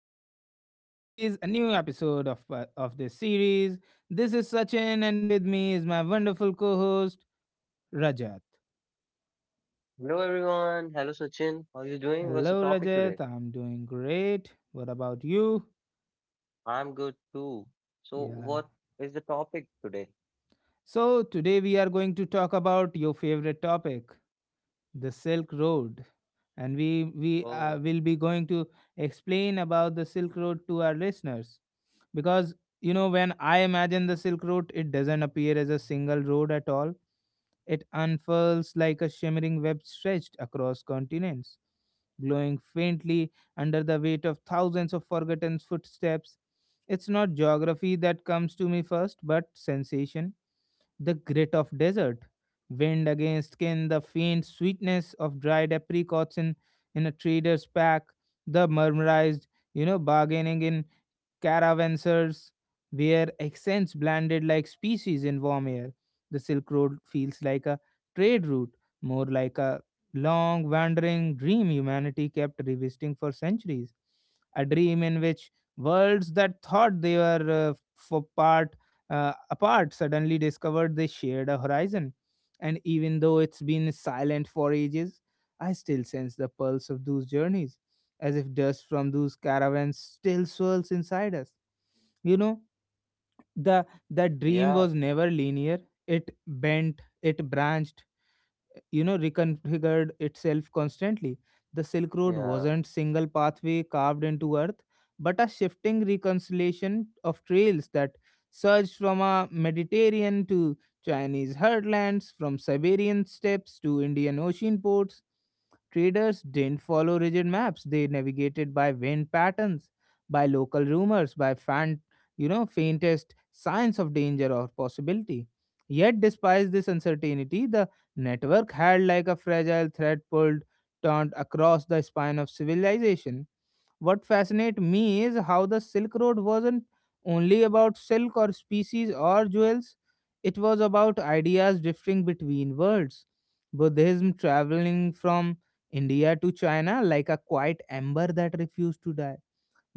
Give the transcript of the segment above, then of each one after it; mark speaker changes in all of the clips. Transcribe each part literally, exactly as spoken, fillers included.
Speaker 1: podcast series, a new episode of, of this series. This is Sachin, and with me is my wonderful co host, Rajat.
Speaker 2: Hello, everyone. Hello, Sachin. How are you doing? What's the
Speaker 1: Hello,
Speaker 2: topic today?
Speaker 1: Rajat. I'm doing great. What about you?
Speaker 2: I'm good too. So
Speaker 1: Yeah.
Speaker 2: what is the topic today?
Speaker 1: So today we are going to talk about your favorite topic, the Silk Road, and we we uh,
Speaker 2: Oh,
Speaker 1: will be going to explain about the Silk Road to our listeners because you know when I imagine the Silk Road, it doesn't appear as a single road at all. It unfurls like a shimmering web stretched across continents, glowing faintly under the weight of thousands of forgotten footsteps. It's not geography that comes to me first, but sensation, the grit of desert wind against skin, the faint sweetness of dried apricots in, in a trader's pack, the murmurized, you know, bargaining in caravansers where accents blended like species in warm air. The Silk Road feels like a trade route, more like a long, wandering dream humanity kept revisiting for centuries. A dream in which worlds that thought they were uh, for part uh, apart suddenly discovered they shared a horizon. And even though it's been silent for ages, I still sense the pulse of those journeys, as if dust from those caravans still swirls inside us. You know, the the dream was
Speaker 2: yeah,
Speaker 1: never linear. It bent, it branched, you know reconfigured itself constantly. The Silk Road
Speaker 2: yeah,
Speaker 1: wasn't single pathway carved into earth, but a shifting reconciliation of trails that surged from a Mediterranean to Chinese heartlands, from Siberian steppes to Indian Ocean ports. Traders didn't follow rigid maps. They navigated by wind patterns, by local rumors, by fan, you know, faintest signs of danger or possibility. Yet, despite this uncertainty, the network had like a fragile thread pulled turned across the spine of civilization. What fascinates me is how the Silk Road wasn't only about silk or species or jewels. It was about ideas drifting between worlds: Buddhism traveling from India to China like a quiet ember that refused to die,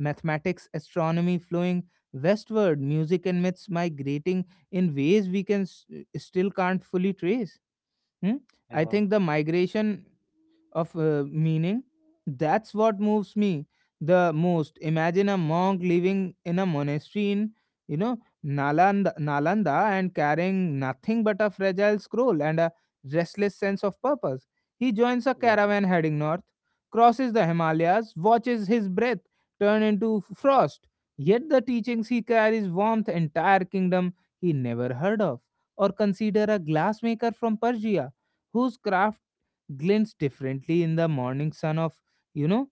Speaker 1: mathematics, astronomy flowing westward, music and myths migrating in ways we can s- still can't fully trace. Hmm? I think the
Speaker 2: yeah,
Speaker 1: migration of uh, meaning. That's what moves me the most. Imagine a monk living in a monastery in, you know, Nalanda, Nalanda and carrying nothing but a fragile scroll and a restless sense of purpose. He joins a caravan
Speaker 2: yeah,
Speaker 1: heading north, crosses the Himalayas, watches his breath turn into frost. Yet the teachings he carries warmth entire kingdom he never heard of. Or consider a glassmaker from Persia whose craft glints differently in the morning sun of, you know,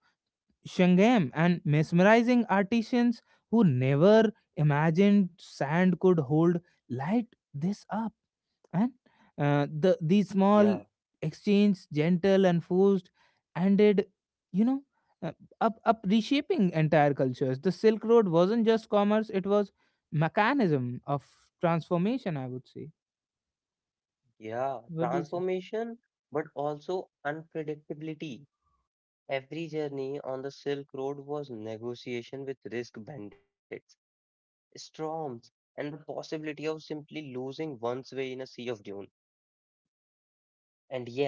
Speaker 1: Shangam and mesmerizing artisans who never imagined sand could hold light this up. And uh, the these small
Speaker 2: yeah,
Speaker 1: exchange, gentle and forced, ended you know, uh, up up reshaping entire cultures. The Silk Road wasn't just commerce; it was mechanism of transformation, I would say.
Speaker 2: yeah.
Speaker 1: What do you say?
Speaker 2: Transformation, but also unpredictability. Every journey on the Silk Road was negotiation with risk bandits, storms, and the possibility of simply losing one's way in a sea of dunes. And yet,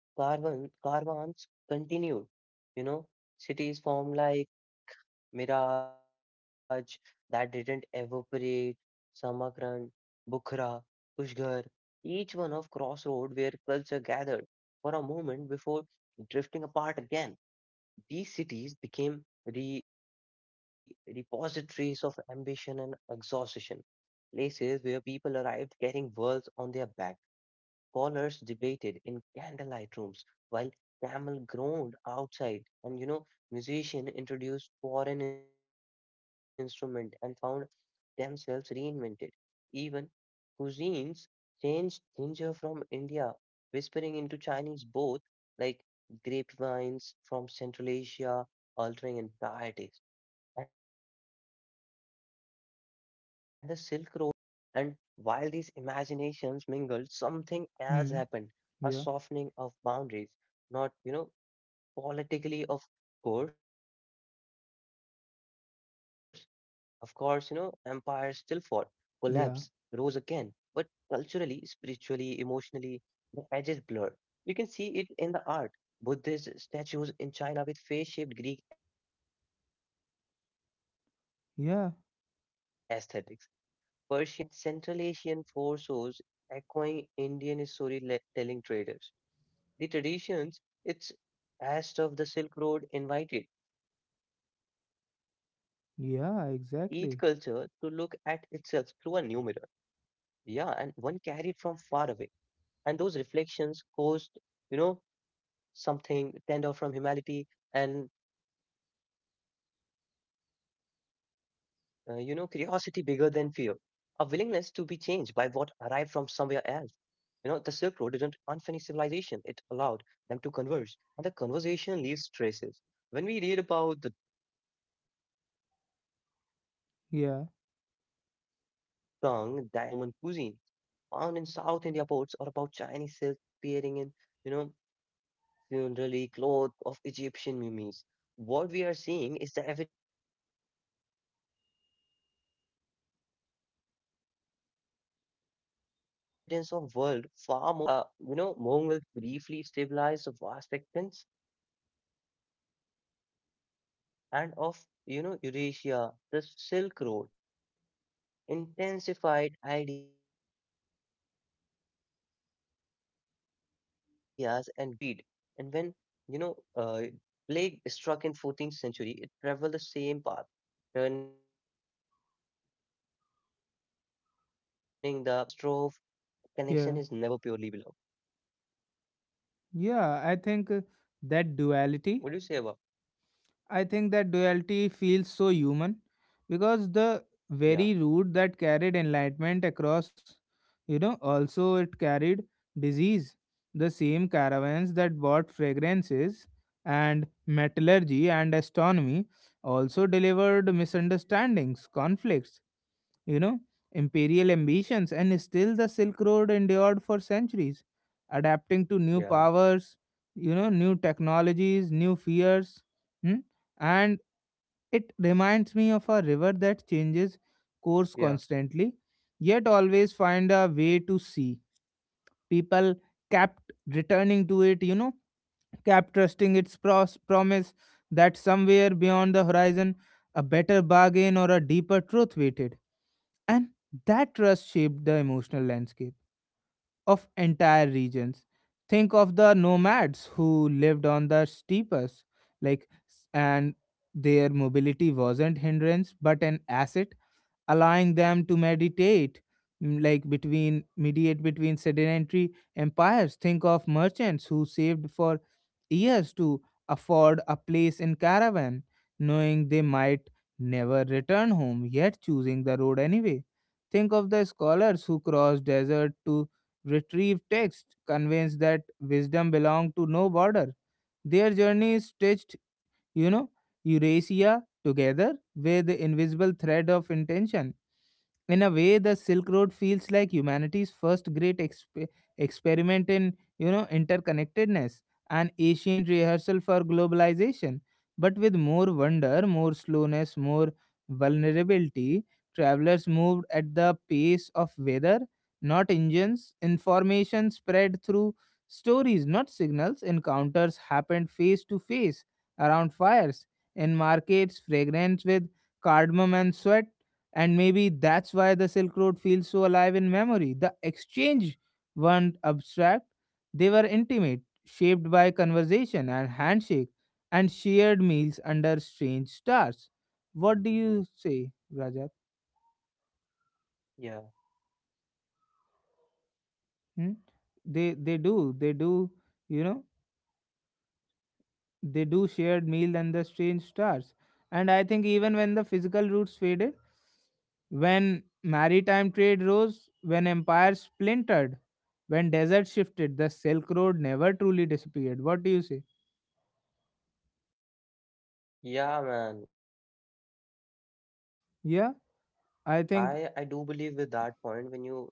Speaker 2: caravan, caravans continued. You know, cities formed like Miraj that didn't evaporate, Samarkand, Bukhara, Kushgar, each one of crossroad where culture gathered for a moment before drifting apart again. These cities became re- repositories of ambition and exhaustion, places where people arrived carrying worlds on their back. Scholars debated in candlelight rooms while camel groaned outside, and you know, musicians introduced foreign instruments and found themselves reinvented. Even cuisines changed ginger from India, whispering into Chinese both like grapevines from Central Asia, altering entire tastes. And the Silk Road didn't just connect markets. It connected imagination. And while these imaginations mingled,
Speaker 1: Hmm.
Speaker 2: something else
Speaker 1: Yeah.
Speaker 2: happened, a softening of boundaries, not, you know, politically, of course. Of course, you know, empire still fought, collapsed, rose again.
Speaker 1: Yeah.
Speaker 2: But culturally, spiritually, emotionally, the edges blurred. You can see it in the art. Buddhist statues in China with face shaped Greek aesthetics, Persian miniature
Speaker 1: Yeah.
Speaker 2: infused with Mongolian motifs, and Central Asian foresaws echoing Indian storytelling traders. The traditions, its as of the Silk Road, invited each culture to
Speaker 1: Yeah,
Speaker 2: look at
Speaker 1: exactly.
Speaker 2: itself through a new mirror. Yeah, and one carried from far away. And those reflections caused, you know, something tender from humanity and uh, you know, curiosity bigger than fear, a willingness to be changed by what arrived from somewhere else. You know, the Silk Road didn't unfinish civilization, it allowed them to converge, and the conversation leaves traces. When we read about the Tang dynasty, welcome foreign
Speaker 1: Yeah,
Speaker 2: dancers and musicians, or about Roman cuisine found in South India ports, or about Chinese silk appearing in, you know, funerary cloth of Egyptian mummies. What we are seeing is the evidence of world far more entangled than we once believed. Even silence along the route conveyed meaning. When the you know Mongols briefly stabilized the vast extents and of you know Eurasia, the Silk Road intensified ideas and good flew across the land with unpredictable speed. And when, you know, uh, plague struck in fourteenth century, it traveled the same path, turning the road into an accidental conduct. For, you know, catastrophe, connection is never purely below.
Speaker 1: yeah, yeah. I think uh, that
Speaker 2: What do you say
Speaker 1: duality,
Speaker 2: about?
Speaker 1: I think that duality
Speaker 2: Yeah,
Speaker 1: feels so human because the very root that carried enlightenment across, you know, also it carried disease. The same caravans that bought fragrances and metallurgy and astronomy also delivered misunderstandings, conflicts, you know, imperial ambitions. And still the Silk Road endured for centuries, adapting to new powers,
Speaker 2: yeah,
Speaker 1: you know, new technologies, new fears. hmm? And it
Speaker 2: yeah,
Speaker 1: reminds me of a river that changes course constantly, yet always find a way to sea. People kept returning to it, you know kept trusting its pros- promise that somewhere beyond the horizon a better bargain or a deeper truth waited. And that trust shaped the emotional landscape of entire regions. Think of the nomads who lived on the steppes, like, and their mobility wasn't hindrance but an asset, allowing them to meditate mm, like between mediate between sedentary empires. Think of merchants who saved for years to afford a place in caravan, knowing they might never return home yet choosing the road anyway. Think of the scholars who crossed desert to retrieve text convinced that wisdom belonged to no border. Their journeys stretched, you know, Eurasia together with the invisible thread of intention. In a way, the Silk Road feels like humanity's first great exp- experiment in, you know, interconnectedness, an ancient rehearsal for globalization, but with more wonder, more slowness, more vulnerability. Travelers moved at the pace of weather, not engines. Information spread through stories, not signals. Encounters happened face to face around fires in markets,
Speaker 2: yeah.
Speaker 1: fragrance with cardamom and sweat. And maybe that's why the Silk Road feels so alive in memory. The exchange weren't abstract, they were intimate, shaped by conversation and handshake, and shared meals under strange stars. What do you say, Rajat? Hmm? They they do they do you know they do shared meal under strange stars, and I think even when the physical roots faded, when maritime trade rose, when empires splintered, when deserts shifted, the Silk Road never truly disappeared. What do you say?
Speaker 2: Yeah, man. I I do believe with that point when you
Speaker 1: Yeah,
Speaker 2: like what you
Speaker 1: I
Speaker 2: said that
Speaker 1: think,
Speaker 2: physical roots faded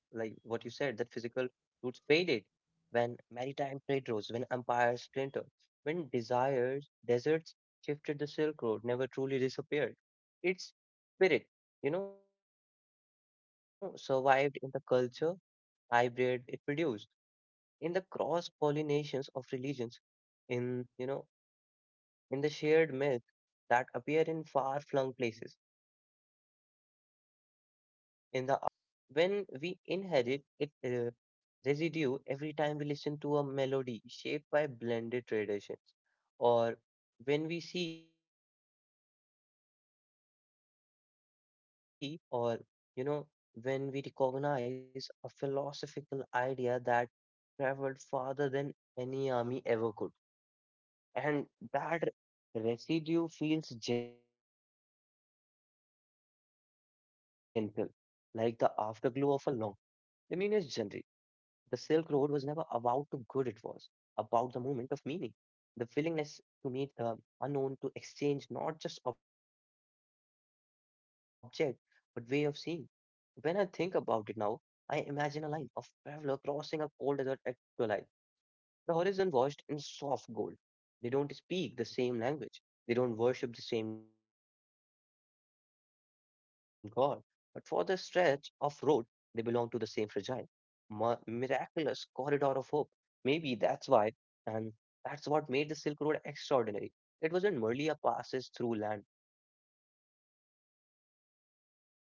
Speaker 2: when maritime trade rose, when empires splintered, when desires deserts shifted, the Silk Road never truly disappeared. Its spirit, you know, survived in the culture, hybrid it produced, in the cross pollinations of religions, in you know in the shared myths that appear in far-flung places, in the artistic style that carry whisper of distant origins. When we inherit it uh, residue every time we listen to a melody shaped by blended traditions, or when we see certain motifs repeated across continents, or you know, when we recognize a philosophical idea that traveled farther than any army ever could, and that residue feels gentle, like the afterglow of a long, luminous journey. The Silk Road was never about the good it was, about the moment of meaning, the willingness to meet the unknown, to exchange not just object, but way of seeing. When I think about it now, I imagine a line of traveler crossing a cold desert at twilight, the horizon washed in soft gold. They don't speak the same language. They don't worship the same God. But for the stretch of road, they belong to the same fragile, mi- miraculous corridor of hope. Maybe that's why, and that's what made the Silk Road extraordinary. It wasn't merely a passage through land, it was a passage through possibilities,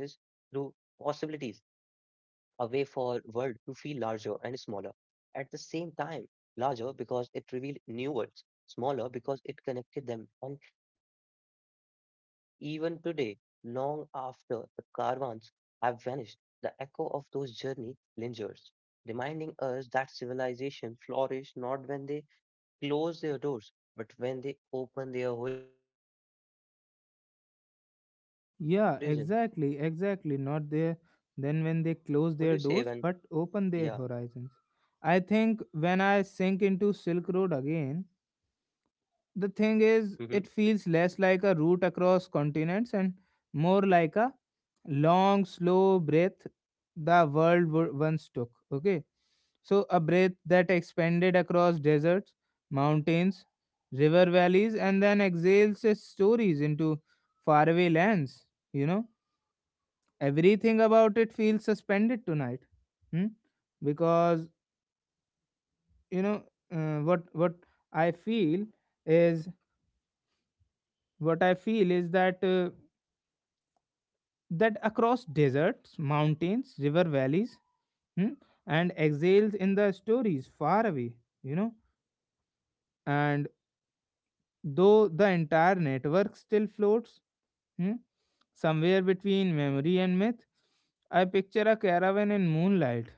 Speaker 2: a way for world to feel larger and smaller at the same time, larger because it revealed new worlds, smaller because it connected them. And even today, long after the caravans have vanished, the echo of those journeys lingers, reminding us that civilization flourish not when they close their doors but when they open their horizon.
Speaker 1: yeah,
Speaker 2: What do you
Speaker 1: exactly,
Speaker 2: say when?
Speaker 1: exactly. Not there,
Speaker 2: Yeah.
Speaker 1: then when they close their doors but open their horizons. I think when I sink into Silk Road again, the thing
Speaker 2: Mm-hmm.
Speaker 1: is, it feels less like a route across continents and more like a long slow breath the world wo- once took. Okay, so a breath that expanded across deserts, mountains, river valleys, and then exhales its stories into faraway lands. you know Everything about it feels suspended tonight. hmm? Because you know uh, what what I feel is what I feel is that uh, that across deserts, mountains, river valleys, hmm, and exiles in the stories far away, you know. And though the entire network still floats, hmm, somewhere between memory and myth, I picture a caravan in moonlight,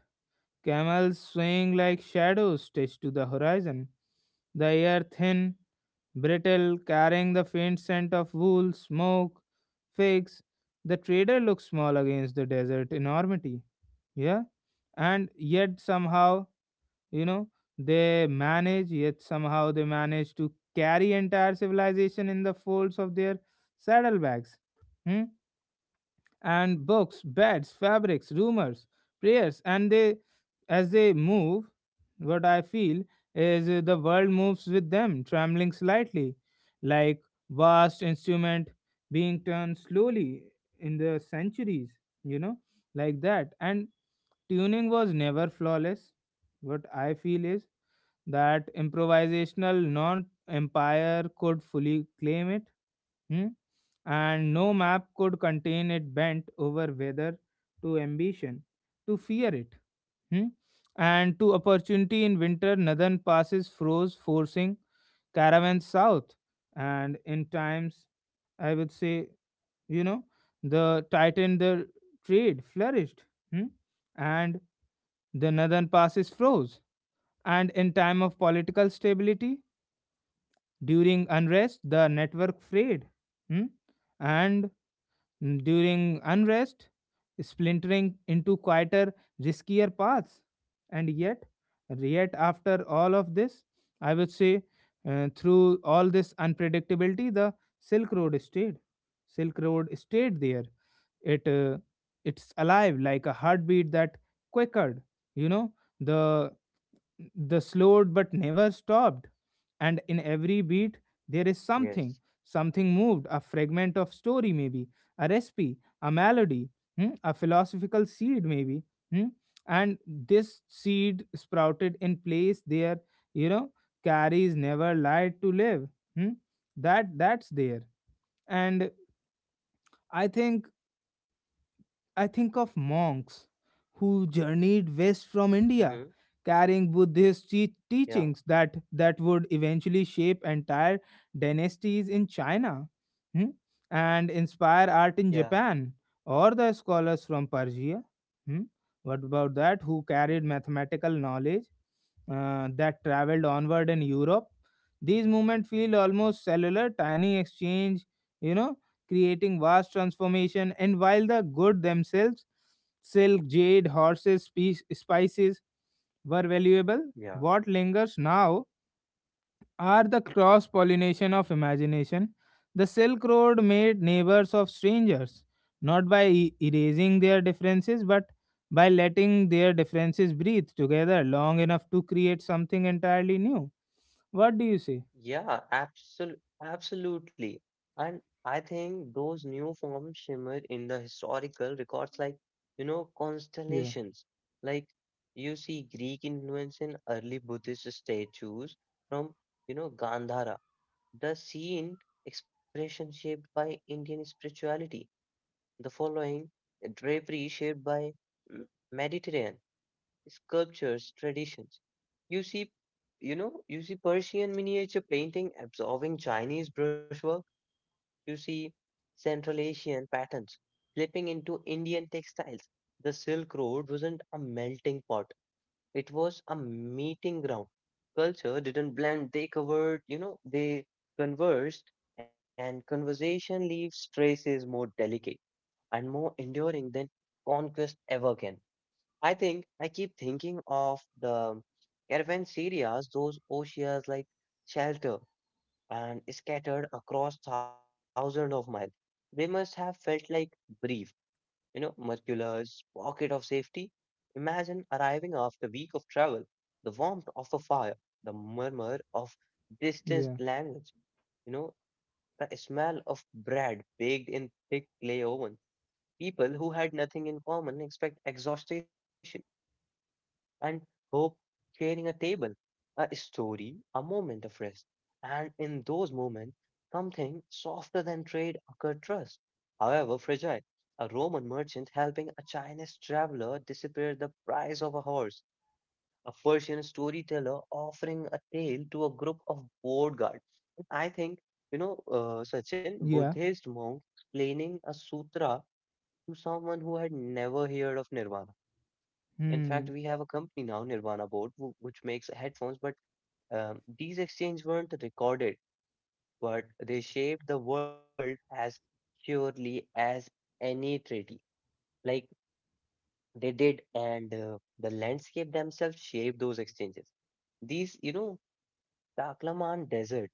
Speaker 1: camels swaying like shadows stitched to the horizon, the air thin, brittle, carrying the faint scent of wool, smoke, figs. The trader looks small against the desert enormity. Yeah, and yet somehow you know they manage yet somehow they manage to carry entire civilization in the folds of their saddlebags. hmm? And books, beds, fabrics, rumors, prayers, and they, as they move, what I feel is uh, the world moves with them, trembling slightly, like vast instrument being turned slowly in the centuries, you know, like that. And tuning was never flawless. What I feel is that improvisational non empire could fully claim it. Hmm? And no map could contain it, bent over whether to ambition, to fear it, hmm? and to opportunity. In winter, northern passes froze, forcing caravans south. And in times, I would say, you know, the tightened the trade flourished, hmm? and the northern passes froze. And in time of political stability, during unrest, the network frayed. hmm? And Mm, During unrest, splintering into quieter, riskier paths. And yet, yet after all of this, I would say, uh, through all this unpredictability, the Silk Road stayed. Silk Road stayed there. It uh, it's alive like a heartbeat that quickered. You know the the slowed but never stopped, and in every beat there is something
Speaker 2: Yes.
Speaker 1: something moved, a fragment of story maybe, a recipe, a melody, hmm, a philosophical seed maybe, hmm, and this seed sprouted in place there, you know carries never lied to live, hmm, that that's there. And i think I think of monks who journeyed west from India, carrying Buddhist te- teachings
Speaker 2: Yeah,
Speaker 1: that, that would eventually shape entire dynasties in China, hmm, and inspire art in
Speaker 2: yeah.
Speaker 1: Japan, or the scholars from Persia. Hmm. What about that? Who carried
Speaker 2: Mm.
Speaker 1: mathematical knowledge uh, that traveled onward in Europe? These movements feel almost cellular, tiny exchange, you know, creating vast transformation. And while the goods themselves, silk, jade, horses, spe- spices, were valuable,
Speaker 2: Yeah.
Speaker 1: what lingers now are the cross pollination of imagination. The Silk Road made neighbors of strangers, not by e- erasing their differences, but by letting their differences breathe together long enough to create something entirely new. What do you say?
Speaker 2: Yeah, absol absolutely. And I think those new forms shimmer in the historical records, like, you know,
Speaker 1: Yeah,
Speaker 2: constellations. Like, you see Greek influence in early Buddhist statues from, you know, Gandhara. The scene expression shaped by Indian spirituality, the following drapery shaped by mm, Mediterranean sculptures, traditions. You see, you know, you see Persian miniature painting absorbing Chinese brushwork. You see Central Asian patterns slipping into Indian textiles. The Silk Road wasn't a melting pot, it was a meeting ground. Culture didn't blend, they covered, you know, they conversed, and conversation leaves traces more delicate and more enduring than conquest ever can. I think I keep thinking of the caravanseras, those oases like shelter and scattered across thousands of miles. They must have felt like brief, you know, miraculous pocket of safety. Imagine arriving after a week of travel, the warmth of a fire, the murmur of
Speaker 1: yeah,
Speaker 2: distant language, you know, the smell of bread baked in thick clay ovens. People who had nothing in common expect exhaustion and hope, sharing a table, a story, a moment of rest. And in those moments, something softer than trade occurred trust, however fragile. A Roman merchant helping a Chinese traveler disappear the price of a horse, a Persian storyteller offering a tale to a group of bored guards. I think, you know, uh, Sachin,
Speaker 1: yeah,
Speaker 2: Buddhist monks explaining a sutra to someone who had never heard of Nirvana. In fact,
Speaker 1: hmm,
Speaker 2: we have a company now, Nirvana Board, wh- which makes headphones, but um, these exchanges weren't recorded, but they shaped the world as surely as any treaty. Like they did, and uh, the landscape themselves shaped those exchanges. These, you know, Taklaman Desert,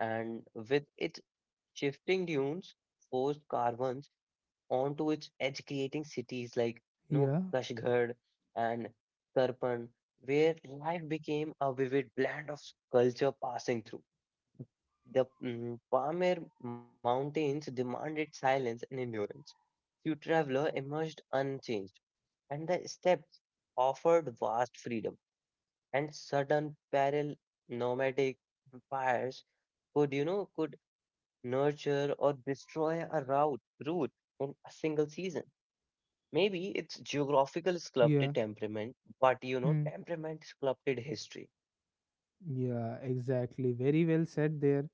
Speaker 2: and with its shifting dunes, forced caravans onto its edge, creating cities like you know,
Speaker 1: yeah,
Speaker 2: Kashgarh and Karpan, where life became a vivid blend of culture passing through. The mm, Pamir mountains demanded silence and endurance. Few traveler emerged unchanged, and the steppes offered vast freedom. And sudden peril. Nomadic empires could, you know, could nurture or destroy a route, route in a single season. Maybe it's geographical sculpted
Speaker 1: yeah,
Speaker 2: temperament, but you know,
Speaker 1: hmm.
Speaker 2: temperament sculpted history.
Speaker 1: Yeah, exactly. Very well said there,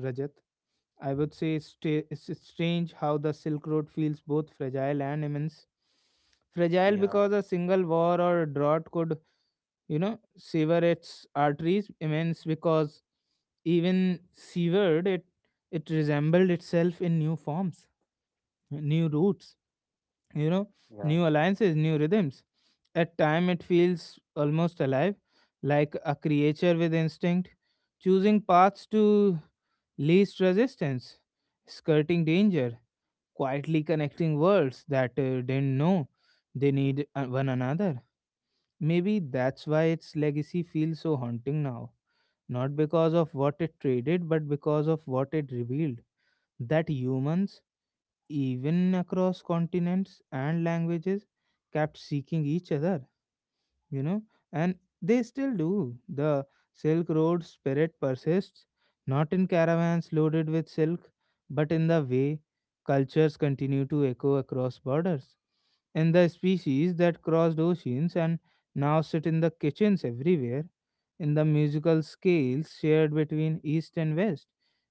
Speaker 1: Rajat. I would say it's sta- it's it's strange how the Silk Road feels both fragile and immense. Fragile
Speaker 2: Yeah,
Speaker 1: because a single war or drought could, you know, sever its arteries. Immense because even severed, it it resembled itself in new forms, new roots, you know
Speaker 2: yeah,
Speaker 1: new alliances, new rhythms. At time it feels almost alive, like a creature with instinct choosing paths to least resistance, skirting danger, quietly connecting worlds that uh, didn't know they need uh, one another. Maybe that's why its legacy feels so haunting now, not because of what it traded but because of what it revealed, that humans, even across continents and languages, kept seeking each other you know and they still do. The Silk Road spirit persists, not in caravans loaded with silk but in the way cultures continue to echo across borders, in the species that crossed oceans and now sit in the kitchens everywhere, in the musical scales shared between east and west,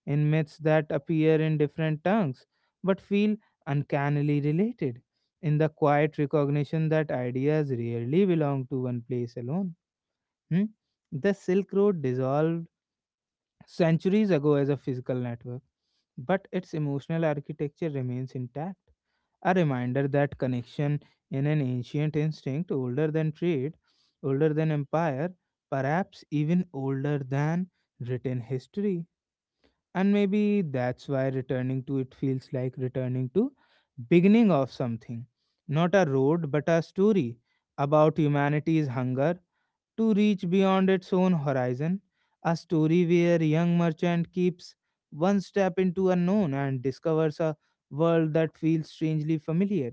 Speaker 1: in myths that appear in different tongues but feel uncannily related, in the quiet recognition that ideas rarely belong to one place alone. Hmm? The Silk Road dissolved centuries ago as a physical network, but its emotional architecture remains intact. A reminder that connection in an ancient instinct older than trade, older than empire, perhaps even older than written history. And maybe that's why returning to it feels like returning to beginning of something, not a road but a story about humanity's hunger to reach beyond its own horizon, a story where a young merchant keeps one step into unknown and discovers a world that feels strangely familiar,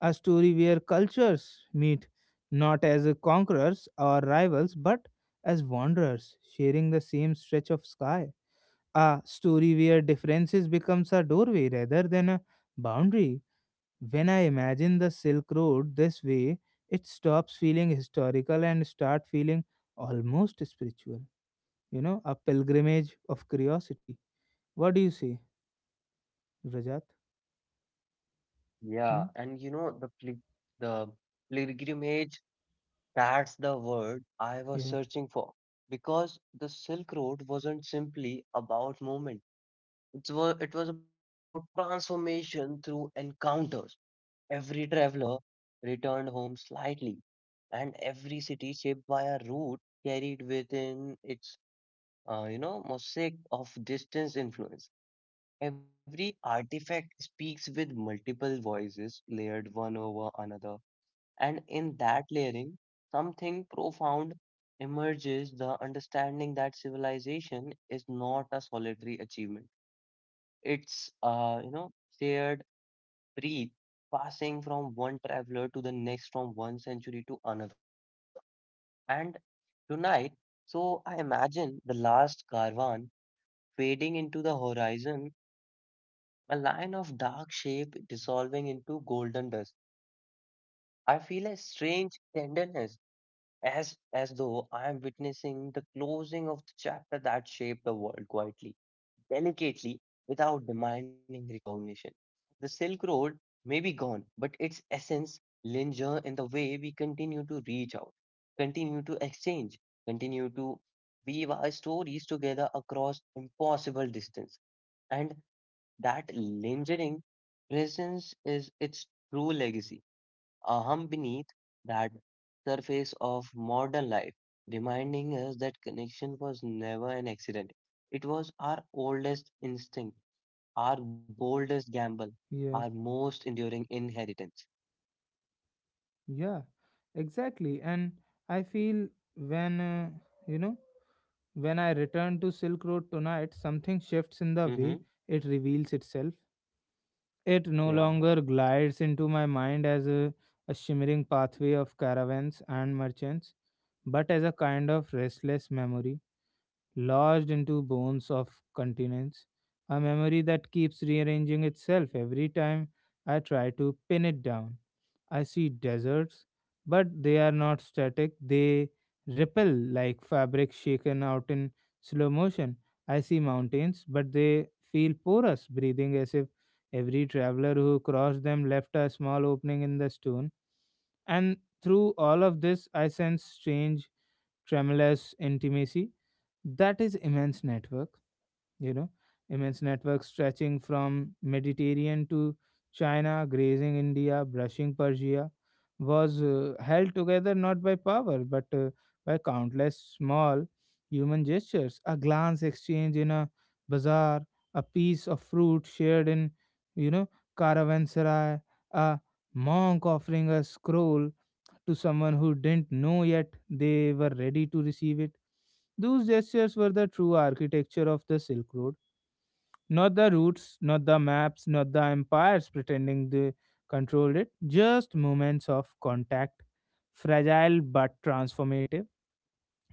Speaker 1: a story where cultures meet not as conquerors or rivals but as wanderers sharing the same stretch of sky, a story where differences becomes a doorway rather than a boundary. When I imagine the Silk Road this way, it stops feeling historical and start feeling almost spiritual. You know, a pilgrimage of curiosity. What do you say, Rajat?
Speaker 2: yeah.
Speaker 1: Hmm?
Speaker 2: And you know the pli the pilgrimage, that's the word I was
Speaker 1: Yeah,
Speaker 2: searching for. Because the Silk Road wasn't simply about movement. It was it was about transformation through encounters. Every traveler returned home slightly, and every city shaped by a route carried within its uh, you know, mosaic of distance influence. Every artifact speaks with multiple voices layered one over another, and in that layering, something profound emerges the understanding that civilization is not a solitary achievement. It's, uh, you know, shared breath passing from one traveler to the next, from one century to another. And tonight, so I imagine the last caravan fading into the horizon, a line of dark shape dissolving into golden dust. I feel a strange tenderness, as as though I am witnessing the closing of the chapter that shaped the world quietly, delicately, without demanding recognition. The Silk Road may be gone, but its essence linger in the way we continue to reach out, continue to exchange, continue to weave our stories together across impossible distance. And that lingering presence is its true legacy, a hum beneath that surface of modern life, reminding us that connection was never an accident. It was our oldest instinct, our boldest gamble,
Speaker 1: yeah,
Speaker 2: our most enduring inheritance.
Speaker 1: yeah, exactly. And I feel when uh, you know when I return to Silk Road tonight, something shifts in the way
Speaker 2: Mm-hmm.
Speaker 1: it reveals itself. It no
Speaker 2: Yeah,
Speaker 1: longer glides into my mind as a, a shimmering pathway of caravans and merchants, but as a kind of restless memory lodged into bones of continents, a memory that keeps rearranging itself every time I try to pin it down. I see deserts, but they are not static. They ripple like fabric shaken out in slow motion. I see mountains, but they feel porous, breathing as if every traveler who crossed them left a small opening in the stone. And through all of this, I sense strange, tremulous intimacy. That is immense network you know immense networks stretching from Mediterranean to China, grazing India, brushing Persia, was uh, held together not by power but uh, by countless small human gestures: a glance exchange in a bazaar, a piece of fruit shared in you know caravanserai, a monk offering a scroll to someone who didn't know yet they were ready to receive it. Those gestures were the true architecture of the Silk Road, not the routes, not the maps, not the empires pretending they controlled it, just moments of contact, fragile but transformative.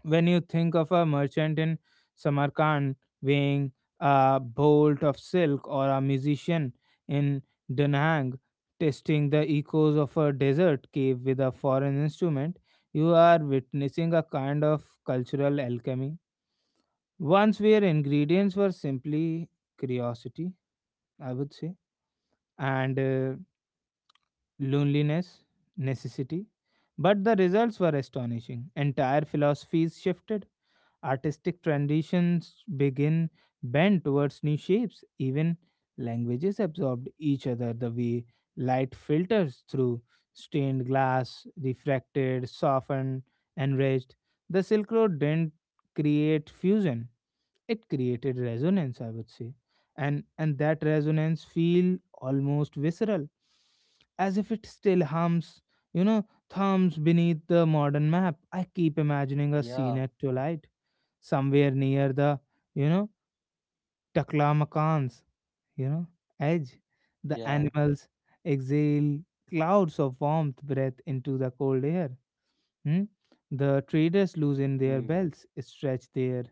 Speaker 1: When you think of a merchant in Samarkand weighing a bolt of silk, or a musician in Danang testing the echoes of a desert cave with a foreign instrument, you are witnessing a kind of cultural alchemy. Once where ingredients were simply curiosity, I would say, and uh, loneliness, necessity. But the results were astonishing. Entire philosophies shifted, artistic traditions begin bent towards new shapes, even languages absorbed each other the way light filters through stained glass, refracted, softened, enriched. The Silk Road didn't create fusion, it created resonance, I would say. And and that resonance feel almost visceral, as if it still hums you know thumbs beneath the modern map. I keep imagining a scene
Speaker 2: yeah,
Speaker 1: at twilight somewhere near the you know Taklamakan's you know edge. The
Speaker 2: yeah.
Speaker 1: animals exhale clouds of warmth breath into the cold air. Hmm? The traders
Speaker 2: Mm.
Speaker 1: loosen their belts, stretch their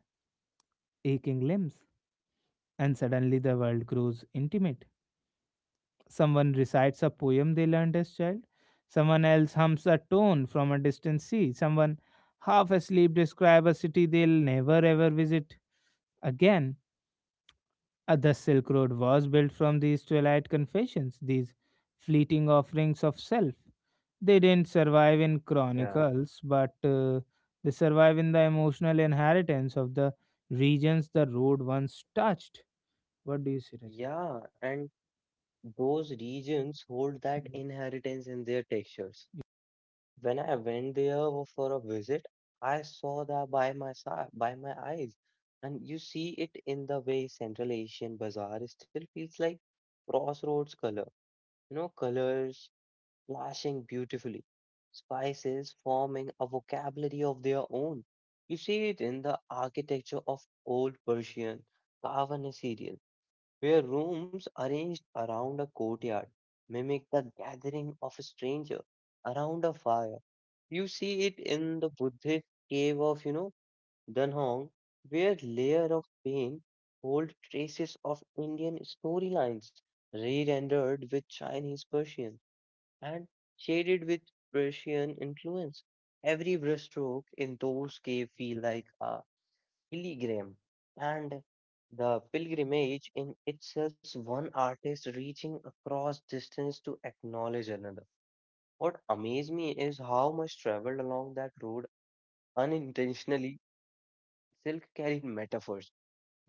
Speaker 1: aching limbs, and suddenly the world grows intimate. Someone recites a poem they learned as child, someone else hums a tone from a distant sea, someone half asleep describes a city they'll never ever visit again. Uh, The Silk Road was built from these twilight confessions, these fleeting offerings of self. They didn't survive in
Speaker 2: Yeah,
Speaker 1: chronicles, but uh, they survive in the emotional inheritance of the regions the road once touched. What do you say, Rajat?
Speaker 2: yeah, and those regions hold that inheritance in their textures. When I went there for a visit, I saw that by my side, by my eyes, and you see it in the way Central Asian Bazaar still feels like crossroads color. You know, colors flashing beautifully, spices forming a vocabulary of their own. You see it in the architecture of old Persian Kavan serial, where rooms arranged around a courtyard mimic the gathering of a stranger around a fire. You see it in the Buddhist cave of, you know, Dunhuang, where layer of pain hold traces of Indian storylines, re-rendered with Chinese Persian and shaded with Persian influence. Every brushstroke in those caves feel like a pilgrim, and the pilgrimage in itself one artist reaching across distance to acknowledge another. What amazed me is how much traveled along that road Unintentionally, silk carried metaphors,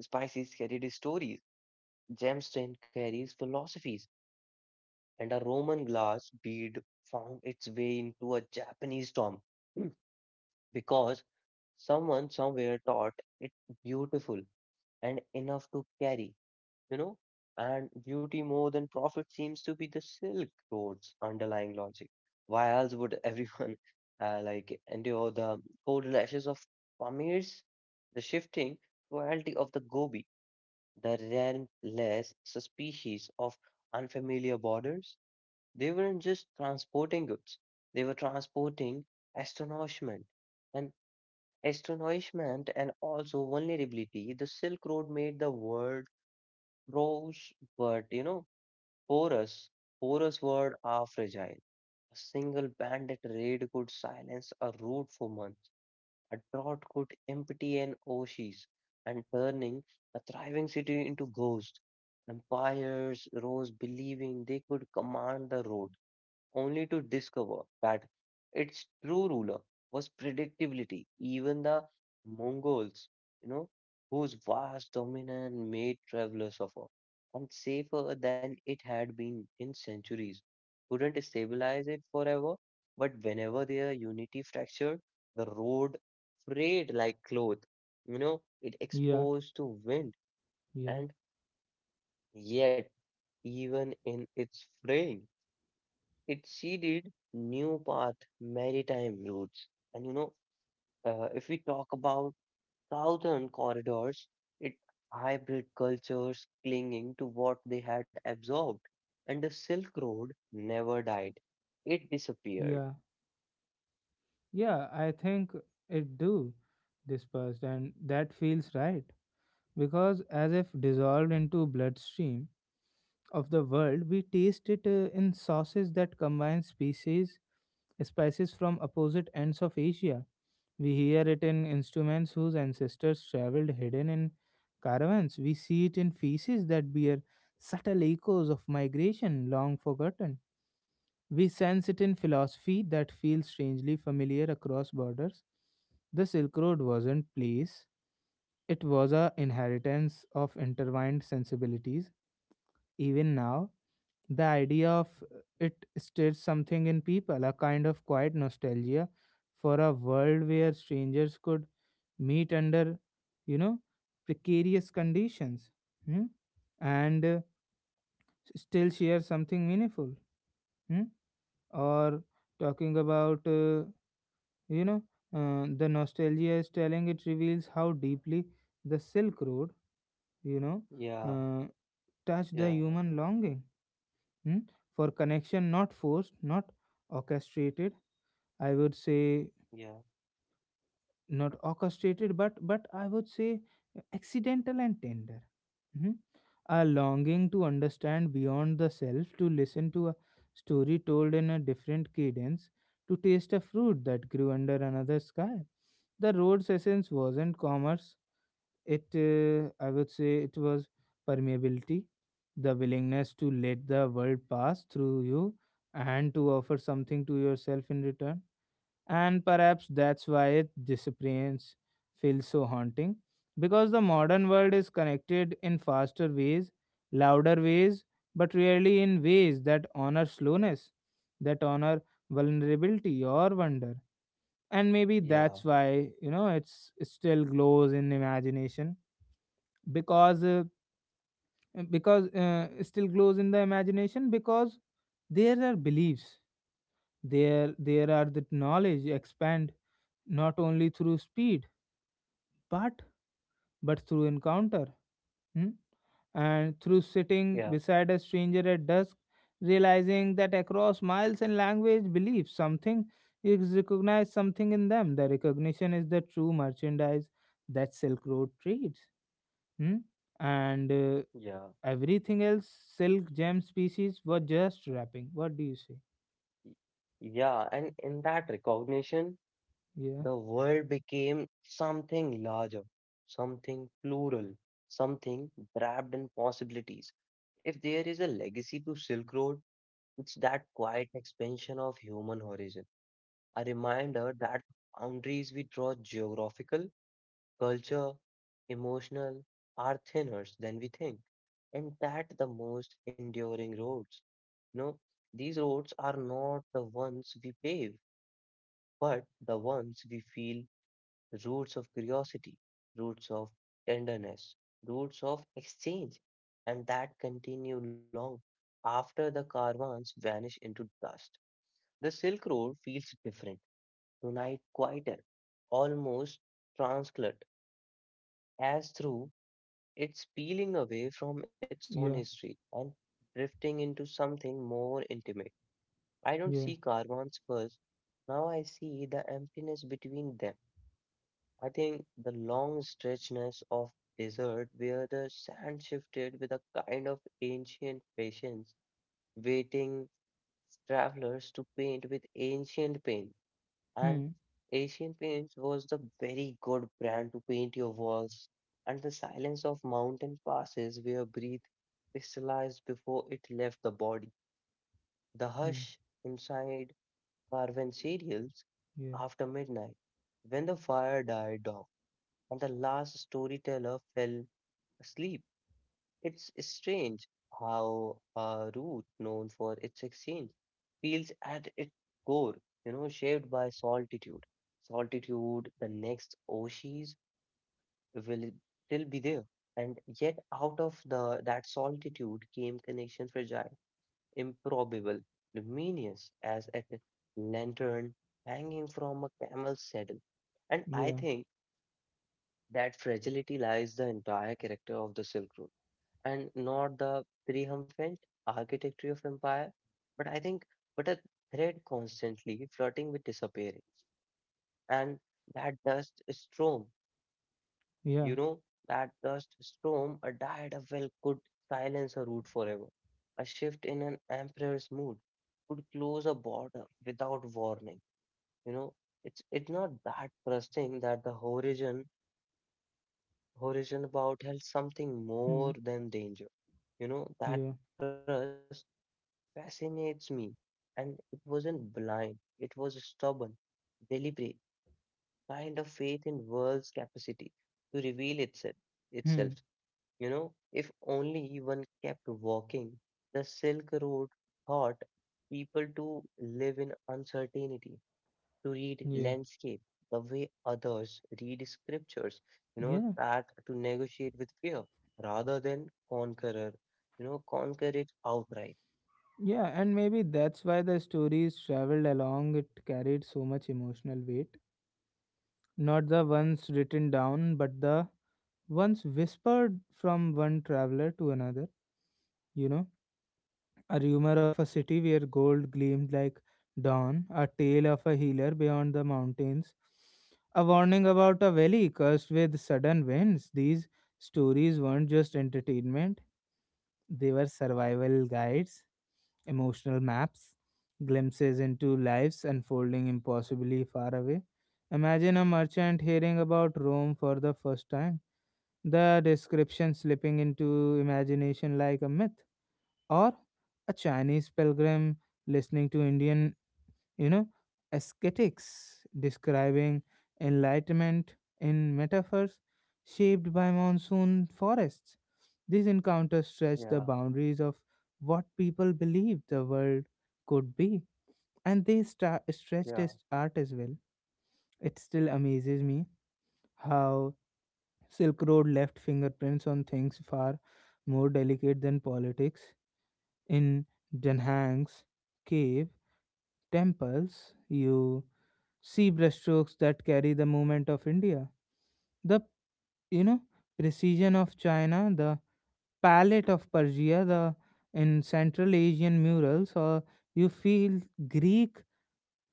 Speaker 2: spices carried stories, gemstone carries philosophies, and a Roman glass bead found its way into a Japanese tomb. Hmm. Because someone somewhere thought it beautiful and enough to carry. you know, and beauty more than profit seems to be the Silk Road's underlying logic. Why else would everyone uh, like endure the cold lashes of Pamir's, the shifting cruelty of the Gobi, the relentless species of unfamiliar borders? They weren't just transporting goods; they were transporting astonishment, and astonishment, and also vulnerability. The Silk Road made the world rose, but you know porous, porous word are fragile. A single bandit raid could silence a route for months. A drought could empty an oasis and turning a thriving city into ghosts. Empires rose believing they could command the road only to discover that its true ruler was predictability. Even the Mongols, you know, whose vast dominance made travelers suffer and safer than it had been in centuries, couldn't stabilize it forever. But whenever their unity fractured, the road frayed like cloth, you know, it
Speaker 1: Yeah,
Speaker 2: exposed to wind
Speaker 1: yeah,
Speaker 2: and yet even in its fraying. It seeded new path maritime routes. And you know, uh, if we talk about southern corridors, it hybrid cultures clinging to what they had absorbed. And the Silk Road never died. It disappeared.
Speaker 1: yeah, yeah. I think it do dispersed, and that feels right because as if dissolved into bloodstream of the world, we taste it uh, in sauces that combine species spices from opposite ends of Asia. We hear it in instruments whose ancestors traveled hidden in caravans. We see it in feces that bear subtle echoes of migration long forgotten. We sense it in philosophy that feels strangely familiar across borders. The Silk Road wasn't place, it was a inheritance of intertwined sensibilities. Even now, the idea of it stirs something in people, a kind of quiet nostalgia for a world where strangers could meet under, you know, precarious conditions, hmm, and uh, still share something meaningful. Hmm. Or talking about uh, you know uh, the nostalgia is telling, it reveals how deeply the Silk Road you know
Speaker 2: Yeah,
Speaker 1: uh, touched the
Speaker 2: yeah,
Speaker 1: human longing, hmm, for connection, not forced, not orchestrated, I would say,
Speaker 2: yeah,
Speaker 1: not orchestrated but but I would say accidental and tender. Mhm. A longing to understand beyond the self, to listen to a story told in a different cadence, to taste a fruit that grew under another sky. The road's essence wasn't commerce, it, uh, I would say, it was permeability, the willingness to let the world pass through you and to offer something to yourself in return. And perhaps that's why its disappearance feels so haunting, because the modern world is connected in faster ways, louder ways, but rarely in ways that honor slowness, that honor vulnerability or wonder. And maybe
Speaker 2: yeah,
Speaker 1: that's why, you know it's it still glows in imagination, because uh, because uh, it still glows in the imagination, because there are beliefs, there there are the knowledge expand not only through speed, but but through encounter. Hmm? And through sitting
Speaker 2: yeah,
Speaker 1: beside a stranger at dusk, realizing that across miles and language beliefs, something is recognized, something in them. The recognition is the true merchandise that Silk Road trades. Hmm? And uh,
Speaker 2: yeah.
Speaker 1: everything else, silk, gem, species, were just wrapping. What do you say?
Speaker 2: y- Yeah, and in that recognition,
Speaker 1: Yeah,
Speaker 2: the world became something larger, something plural, something wrapped in possibilities. If there is a legacy to Silk Road, it's that quiet expansion of human horizon, a reminder that boundaries we draw geographical, culture, emotional are thinner than we think, and that the most enduring roads. You know, these roads are not the ones we pave, but the ones we feel roots of curiosity, roots of tenderness, roots of exchange, and that continue long after the caravans vanish into dust. The Silk Road feels different, tonight quieter, almost translucent, as through it's peeling away from its
Speaker 1: yeah,
Speaker 2: own history and drifting into something more intimate. I don't
Speaker 1: yeah.
Speaker 2: see caravans first, now I see the emptiness between them. I think the long stretchness of desert where the sand shifted with a kind of ancient patience, waiting travelers to paint with ancient paint. And
Speaker 1: Hmm.
Speaker 2: ancient paints was the very good brand to paint your walls. And the silence of mountain passes where breath crystallized before it left the body. The
Speaker 1: Hmm.
Speaker 2: hush inside carven
Speaker 1: Yeah.
Speaker 2: after midnight, when the fire died down and the last storyteller fell asleep. It's strange how a route known for its exchange feels at its core, you know, shaped by solitude. Solitude, the next oasis will still be there. And yet out of the that solitude came connection fragile, improbable, luminous as a lantern hanging from a camel's saddle. And I
Speaker 1: Yeah,
Speaker 2: think that fragility lies the entire character of the Silk Road and not the triumphant architecture of empire. But I think but a thread constantly flirting with disappearing. And that dust storm,
Speaker 1: yeah,
Speaker 2: you know, that dust storm, a diet of well could silence a root forever. A shift in an emperor's mood could close a border without warning. You know, it's it's not that trusting that the horizon horizon about health something
Speaker 1: hmm,
Speaker 2: more than danger. You know,
Speaker 1: yeah,
Speaker 2: that trust fascinates me. And it wasn't blind, it was stubborn, deliberate, kind of faith in world's capacity to reveal itself
Speaker 1: hmm,
Speaker 2: itself. You know, if only one kept walking, the Silk Road taught people to live in uncertainty, to read
Speaker 1: yeah,
Speaker 2: landscape the way others read scriptures, you
Speaker 1: yeah,
Speaker 2: know, that to negotiate with fear rather than conqueror, you know, conquer it outright.
Speaker 1: yeah. And maybe that's why the stories traveled along, it carried so much emotional weight. Not the ones written down, but the ones whispered from one traveler to another. You know, a rumor of a city where gold gleamed like dawn, a tale of a healer beyond the mountains, a warning about a valley cursed with sudden winds. These stories weren't just entertainment. They were survival guides, emotional maps, glimpses into lives unfolding impossibly far away. Imagine a merchant hearing about Rome for the first time, the description slipping into imagination like a myth, or a Chinese pilgrim listening to Indian, you know, ascetics describing enlightenment in metaphors shaped by monsoon forests. These encounters stretch the
Speaker 2: Yeah,
Speaker 1: boundaries of what people believed the world could be, and they stra- stretched
Speaker 2: yeah,
Speaker 1: as art as well. It still amazes me how Silk Road left fingerprints on things far more delicate than politics. In Denhang's cave temples, you see brushstrokes that carry the movement of India. The you know precision of China, the palette of Persia, the in Central Asian murals, or you feel Greek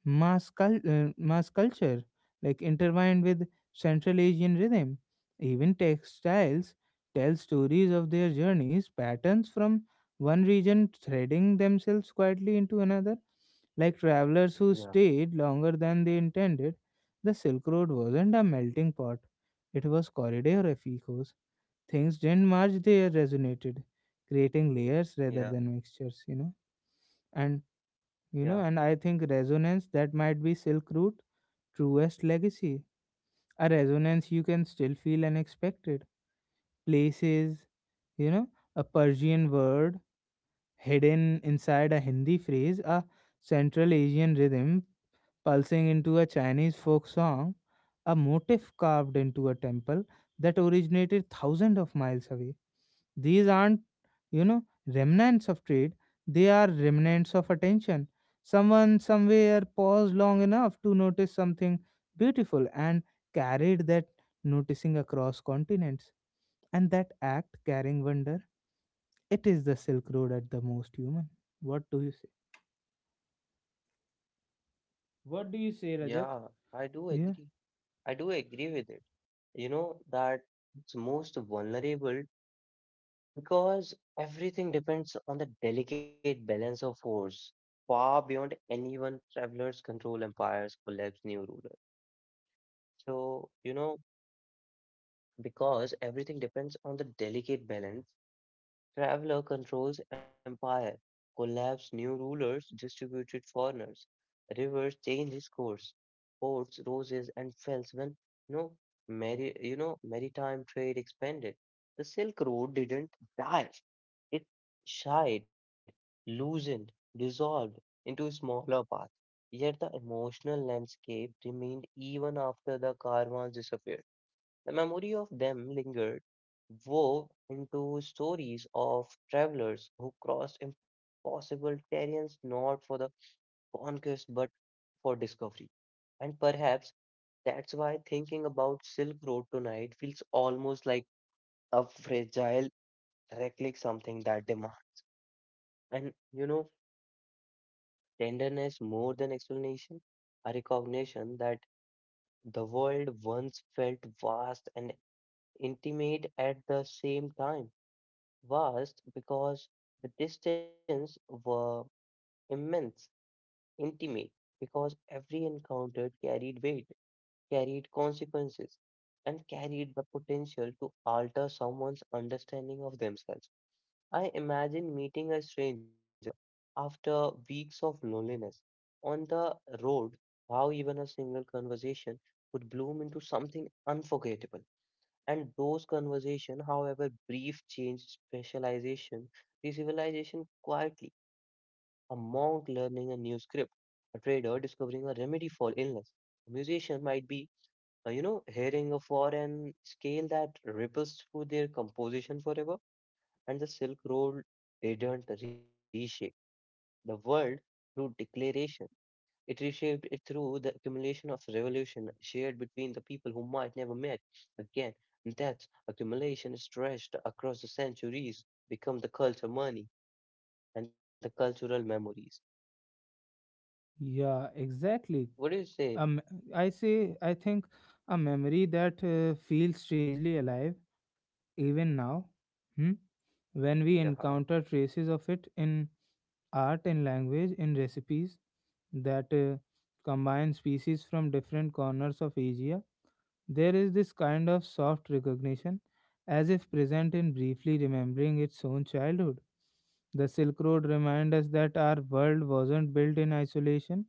Speaker 1: mass, cul- uh, mass culture, like intertwined with Central Asian rhythm. Even textiles tell stories of their journeys, patterns from one region threading themselves quietly into another, like travelers who
Speaker 2: yeah,
Speaker 1: stayed longer than they intended. The Silk Road wasn't a melting pot, it was corridor of echoes. Things didn't merge, they resonated, creating layers rather than
Speaker 2: yeah,
Speaker 1: mixtures, you know. And you
Speaker 2: yeah,
Speaker 1: know and I think resonance, that might be silk route truest legacy, a resonance you can still feel unexpected places, you know a Persian word hidden inside a Hindi phrase, a Central Asian rhythm pulsing into a Chinese folk song, a motif carved into a temple that originated thousands of miles away. These aren't, you know, remnants of trade, they are remnants of attention. Someone somewhere paused long enough to notice something beautiful and carried that noticing across continents. And that act carrying wonder, it is the Silk Road at the most human. What do you say? What do you say,
Speaker 2: yeah.
Speaker 1: Rajat?
Speaker 2: I do
Speaker 1: Yeah.
Speaker 2: agree. I do agree with it. You know, that it's most vulnerable because everything depends on the delicate balance of force far beyond anyone traveler's control empires collapse new ruler so you know because everything depends on the delicate balance. Traveler controls empire, collapse new rulers, distributed foreigners, rivers change his course, ports roses and fells when you know, mari- you know maritime trade expanded. The Silk Road didn't die; it shied, loosened, dissolved into smaller paths. Yet the emotional landscape remained even after the caravans disappeared. The memory of them lingered, wove into stories of travelers who crossed impossible terrains not for the conquest but for discovery. And perhaps that's why thinking about Silk Road tonight feels almost like a fragile relic, something that demands. And you know, tenderness more than explanation, a recognition that the world once felt vast and intimate at the same time vast because the distance were immense, intimate because every encounter carried weight, carried consequences, and carried the potential to alter someone's understanding of themselves. I imagine meeting a stranger after weeks of loneliness on the road, how even a single conversation could bloom into something unforgettable and those conversations, however brief, change specialization. The civilization quietly, a monk learning a new script, a trader discovering a remedy for illness, a musician might be, uh, you know, hearing a foreign scale that ripples through their composition forever. And the Silk Road didn't reshape the world through declaration. It reshaped it through the accumulation of revolution shared between the people who might never met again. And that accumulation stretched across the centuries, become the culture money and the cultural memories.
Speaker 1: Yeah,
Speaker 2: What do
Speaker 1: exactly.
Speaker 2: you say?
Speaker 1: um, I say I think a memory that uh, feels strangely alive even now. Hmm? When we
Speaker 2: Yeah,
Speaker 1: encounter traces of it in art, in language, in recipes that uh, combine species from different corners of Asia, there is this kind of soft recognition, as if present in briefly remembering its own childhood. The Silk Road reminds us that our world wasn't built in isolation,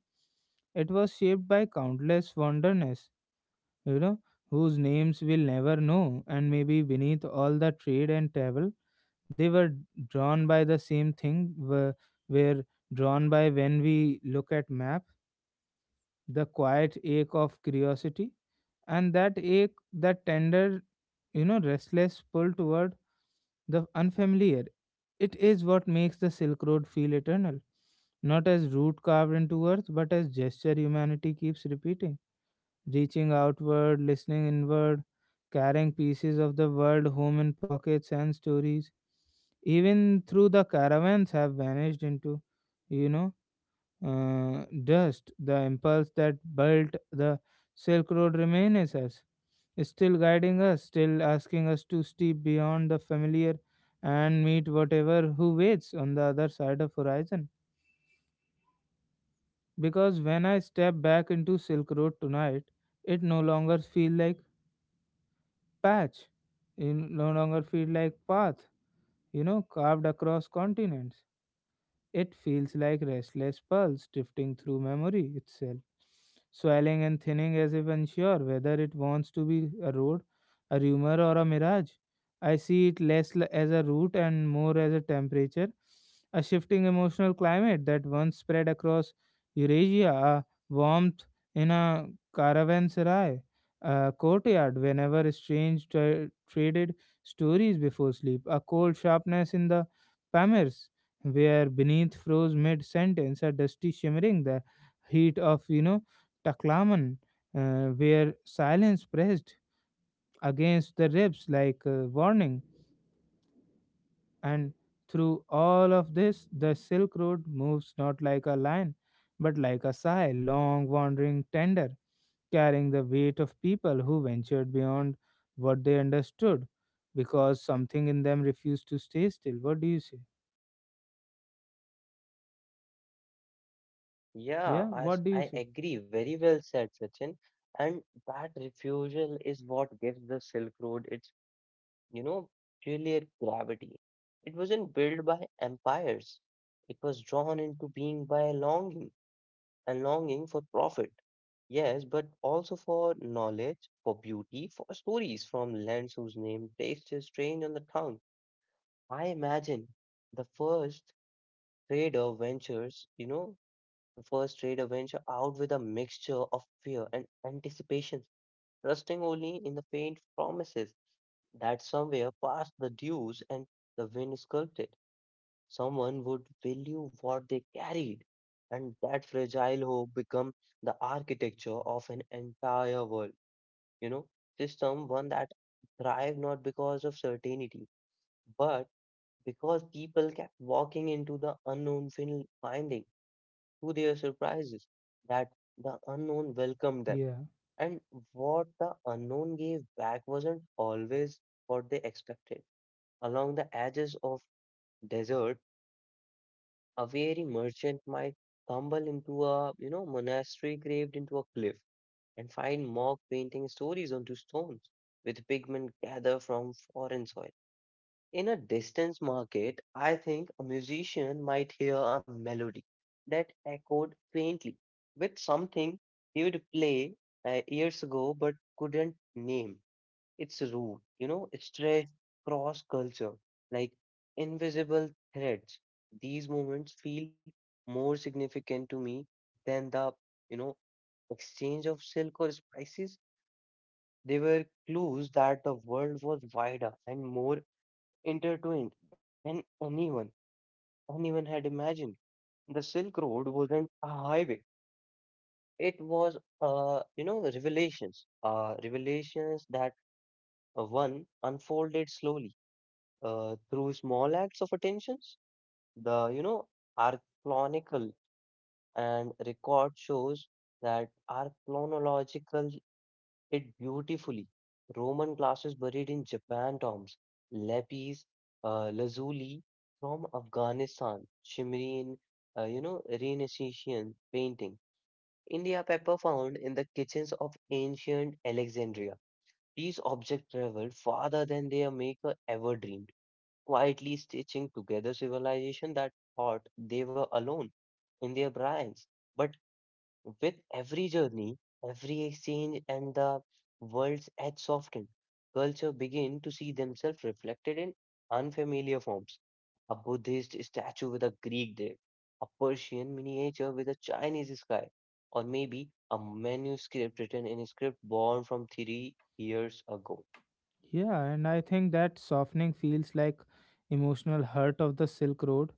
Speaker 1: it was shaped by countless wanderers, you know, whose names we'll never know, and maybe beneath all the trade and travel, they were drawn by the same thing were, were drawn by when we look at map, the quiet ache of curiosity, and that ache, that tender, you know restless pull toward the unfamiliar. It is what makes the Silk Road feel eternal, not as root carved into earth, but as gesture humanity keeps repeating, reaching outward, listening inward, carrying pieces of the world home in pockets and stories, even through the caravans have vanished into, you know, uh, dust, the impulse that built the Silk Road remains us, still guiding us, still asking us to step beyond the familiar and meet whatever who waits on the other side of horizon. Because when I step back into Silk Road tonight, it no longer feel like patch, it no longer feel like path, you know, carved across continents. It feels like restless pulse drifting through memory itself, swelling and thinning as if unsure whether it wants to be a road, a rumor, or a mirage. I see it less l- as a route and more as a temperature, a shifting emotional climate that once spread across Eurasia, a warmth in a caravanserai, a courtyard whenever strange tra- traded stories before sleep, a cold sharpness in the Pamirs where beneath froze mid sentence, a dusty shimmering, the heat of, you know, Taklaman, uh, where silence pressed against the ribs like a warning. And through all of this, the Silk Road moves not like a line, but like a sigh, long, wandering, tender, carrying the weight of people who ventured beyond what they understood because something in them refused to stay still. What do you say? Yeah,
Speaker 2: yeah, I,
Speaker 1: what
Speaker 2: s-
Speaker 1: do you
Speaker 2: I
Speaker 1: say?
Speaker 2: agree. Very well said, Sachin. And that refusal is what gives the Silk Road its, you know, peculiar gravity. It wasn't built by empires. It was drawn into being by longing and longing for profit. Yes, but also for knowledge, for beauty, for stories from lands whose name tastes strange on the tongue. I imagine the first trader ventures, you know, the first trader venture out with a mixture of fear and anticipation, trusting only in the faint promises that somewhere past the dews and the wind sculpted someone would value what they carried, and that fragile hope become the architecture of an entire world, you know, system, one that thrive not because of certainty, but because people kept walking into the unknown, fin- finding to their surprises that the unknown welcomed them.
Speaker 1: Yeah.
Speaker 2: And what the unknown gave back wasn't always what they expected. Along the edges of deserts, a wary merchant might tumble into a, you know, monastery carved into a cliff and find mock painting stories onto stones with pigment gathered from foreign soil. In a distance market, I think a musician might hear a melody that echoed faintly with something he would play uh, years ago but couldn't name its root, you know, it's stretched cross culture like invisible threads. These moments feel more significant to me than the, you know, exchange of silk or spices. They were clues that the world was wider and more intertwined than anyone, anyone had imagined. The Silk Road wasn't a highway. It was, uh, you know, revelations, uh, revelations that uh, one unfolded slowly uh, through small acts of attentions. The you know archaeological and record shows that archaeological it beautifully. Roman glasses buried in Japan tombs, lapis uh, lazuli from Afghanistan, shimmering in uh, you know Renaissance painting. India pepper found in the kitchens of ancient Alexandria. These objects traveled farther than their maker ever dreamed quietly stitching together civilization that thought they were alone in their brains. But with every journey, every exchange, and the world's edge softened, culture began to see themselves reflected in unfamiliar forms. A Buddhist statue with a Greek deity, a Persian miniature with a Chinese sky, or maybe a manuscript written in a script born from three years ago.
Speaker 1: Yeah, and I think that softening feels like emotional hurt of the Silk Road.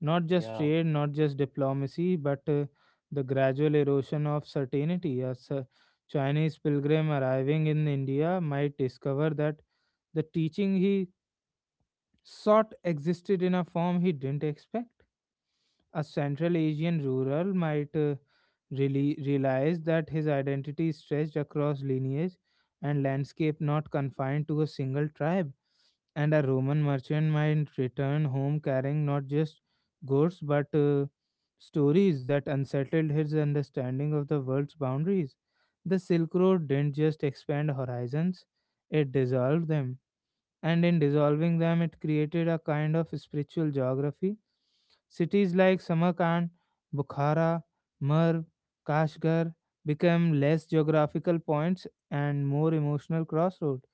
Speaker 1: Not just
Speaker 2: Yeah,
Speaker 1: trade, not just diplomacy, but uh, the gradual erosion of certainty. As a Chinese pilgrim arriving in India might discover that the teaching he sought existed in a form he didn't expect. A Central Asian rural might uh, really realized that his identity stretched across lineage and landscape, not confined to a single tribe. And a Roman merchant might return home carrying not just goods but uh, stories that unsettled his understanding of the world's boundaries. The Silk Road didn't just expand horizons, it dissolved them, and in dissolving them, it created a kind of spiritual geography. Cities like Samarkand, Bukhara, Merv, Kashgar became less geographical points and more emotional crossroads,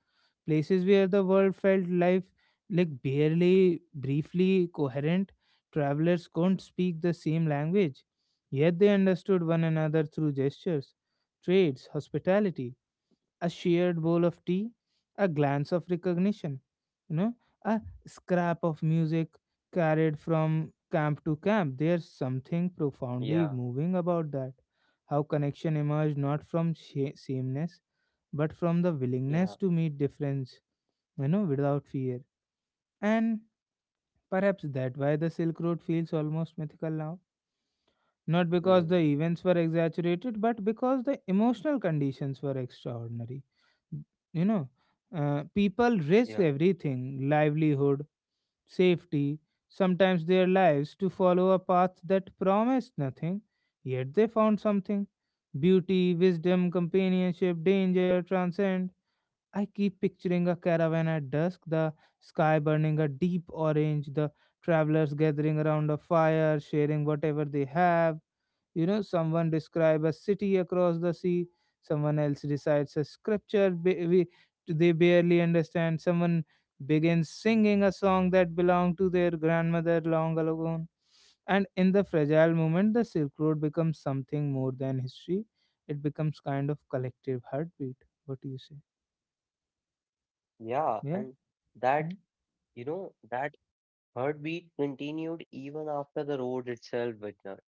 Speaker 1: places where the world felt life like barely briefly coherent. Travelers couldn't speak the same language, yet they understood one another through gestures, trades, hospitality, a shared bowl of tea, a glance of recognition, you know, a scrap of music carried from camp to camp. There's something profoundly
Speaker 2: yeah,
Speaker 1: moving about that. How connection emerged not from sha- sameness, but from the willingness
Speaker 2: yeah,
Speaker 1: to meet difference, you know, without fear. And perhaps that why the Silk Road feels almost mythical now, not because the
Speaker 2: mm,
Speaker 1: events were exaggerated, but because the emotional conditions were extraordinary. You know, uh, people risked
Speaker 2: yeah.
Speaker 1: everything, livelihood, safety, sometimes their lives to follow a path that promised nothing, yet they found something, beauty, wisdom, companionship, danger, transcend. I keep picturing a caravan at dusk, the sky burning a deep orange, the travelers gathering around a fire, sharing whatever they have, you know, someone describe a city across the sea, someone else recites a scripture ba- we, they barely understand, someone begins singing a song that belonged to their grandmother long ago. And in the fragile moment, the Silk Road becomes something more than history. It becomes kind of collective heartbeat. What do you say?
Speaker 2: Yeah, and
Speaker 1: Yeah?
Speaker 2: that,
Speaker 1: Hmm?
Speaker 2: you know, that heartbeat continued even after the road itself withdrew.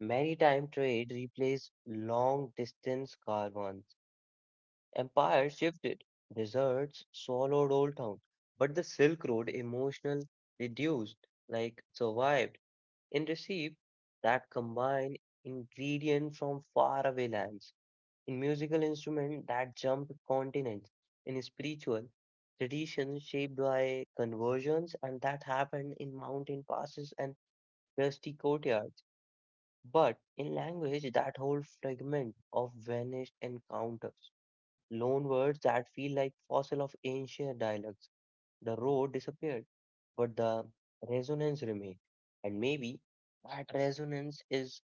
Speaker 2: Maritime trade replaced long distance caravans. Empires shifted, deserts swallowed old towns, but the Silk Road emotional reduced, like survived, and received that combined ingredient from faraway lands in musical instruments that jumped continents, in spiritual traditions shaped by conversions and that happened in mountain passes and rusty courtyards, but in language that whole fragment of vanished encounters, loan words that feel like fossil of ancient dialects. The road disappeared, but the resonance remained, and maybe that resonance is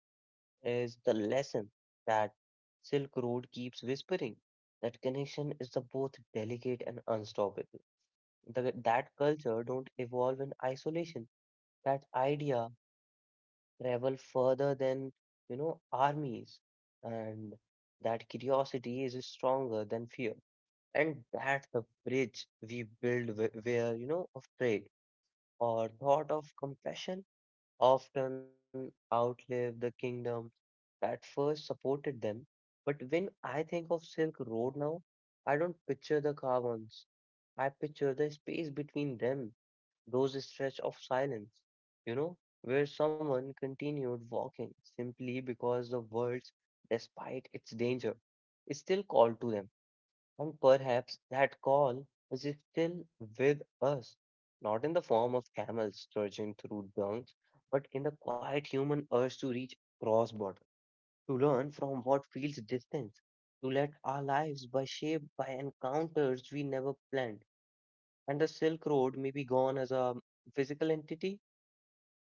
Speaker 2: is the lesson that Silk Road keeps whispering that connection is the both delicate and unstoppable. The, that culture don't evolve in isolation. That idea travel further than you know armies, and that curiosity is stronger than fear. And that's the bridge we build wh- where you know of trade or thought of compassion often outlive the kingdom at first supported them, but when I think of Silk Road now, I don't picture the caravans. I picture the space between them, those stretch of silence, you know, where someone continued walking simply because the world, despite its danger, is still called to them. And perhaps that call is still with us, not in the form of camels surging through dunks, but in the quiet human urge to reach cross borders to learn from what feels distant, to let our lives be shaped by encounters we never planned. And the Silk Road may be gone as a physical entity,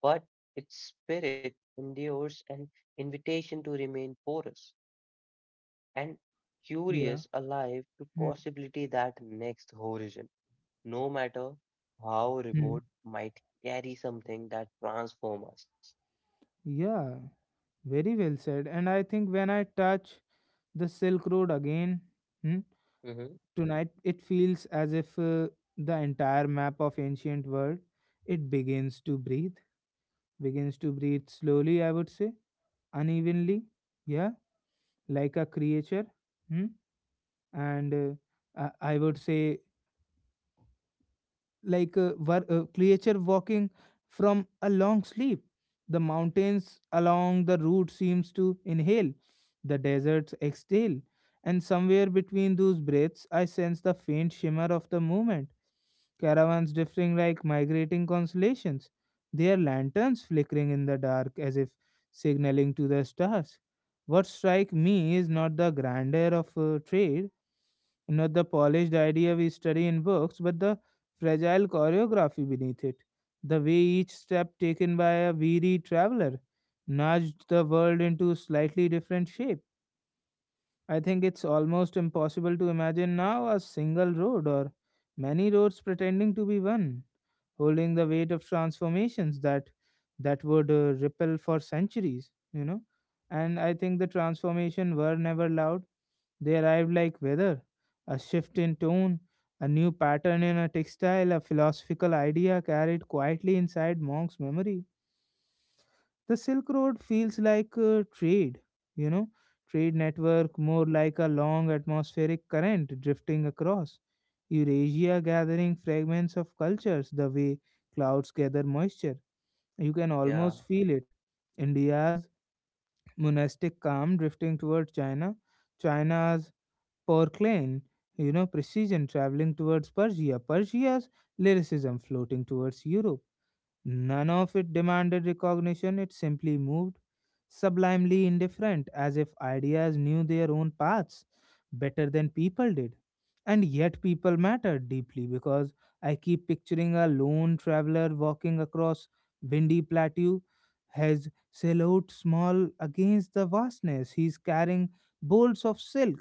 Speaker 2: but its spirit endures an invitation to remain porous and curious,
Speaker 1: Yeah.
Speaker 2: alive to
Speaker 1: Hmm.
Speaker 2: possibility that next horizon, no matter how
Speaker 1: Hmm.
Speaker 2: remote, might carry something that transforms us.
Speaker 1: Yeah. Very well said. And I think when I touch the Silk Road again, hmm,
Speaker 2: Hmm.
Speaker 1: tonight, it feels as if uh, the entire map of ancient world it begins to breathe, begins to breathe slowly. I would say unevenly, yeah, like a creature, hmm? And uh, I, I would say like a, wor- a creature walking from a long sleep. The mountains along the route seems to inhale, the deserts exhale, and somewhere between those breaths, I sense the faint shimmer of the movement, caravans drifting like migrating constellations, their lanterns flickering in the dark as if signaling to the stars. What strikes me is not the grandeur of uh, trade, not the polished idea we study in books, but the fragile choreography beneath it. The way each step taken by a weary traveler nudged the world into slightly different shape. I think it's almost impossible to imagine now a single road, or many roads pretending to be one, holding the weight of transformations that that would uh, repel for centuries, you know. And I think the transformation were never loud, they arrived like weather, a shift in tone, a new pattern in a textile, a philosophical idea carried quietly inside monk's memory. The Silk Road feels like a trade, you know, trade network, more like a long atmospheric current drifting across Eurasia, gathering fragments of cultures the way clouds gather moisture. You can almost
Speaker 2: Yeah.
Speaker 1: feel it. India's monastic calm drifting toward China, China's porcelain, you know, precision traveling towards Persia, Persia's lyricism floating towards Europe. None of it demanded recognition, it simply moved, sublimely indifferent, as if ideas knew their own paths better than people did. And yet, people mattered deeply, because I keep picturing a lone traveler walking across windy plateau, his silhouette small against the vastness. He's carrying bolts of silk,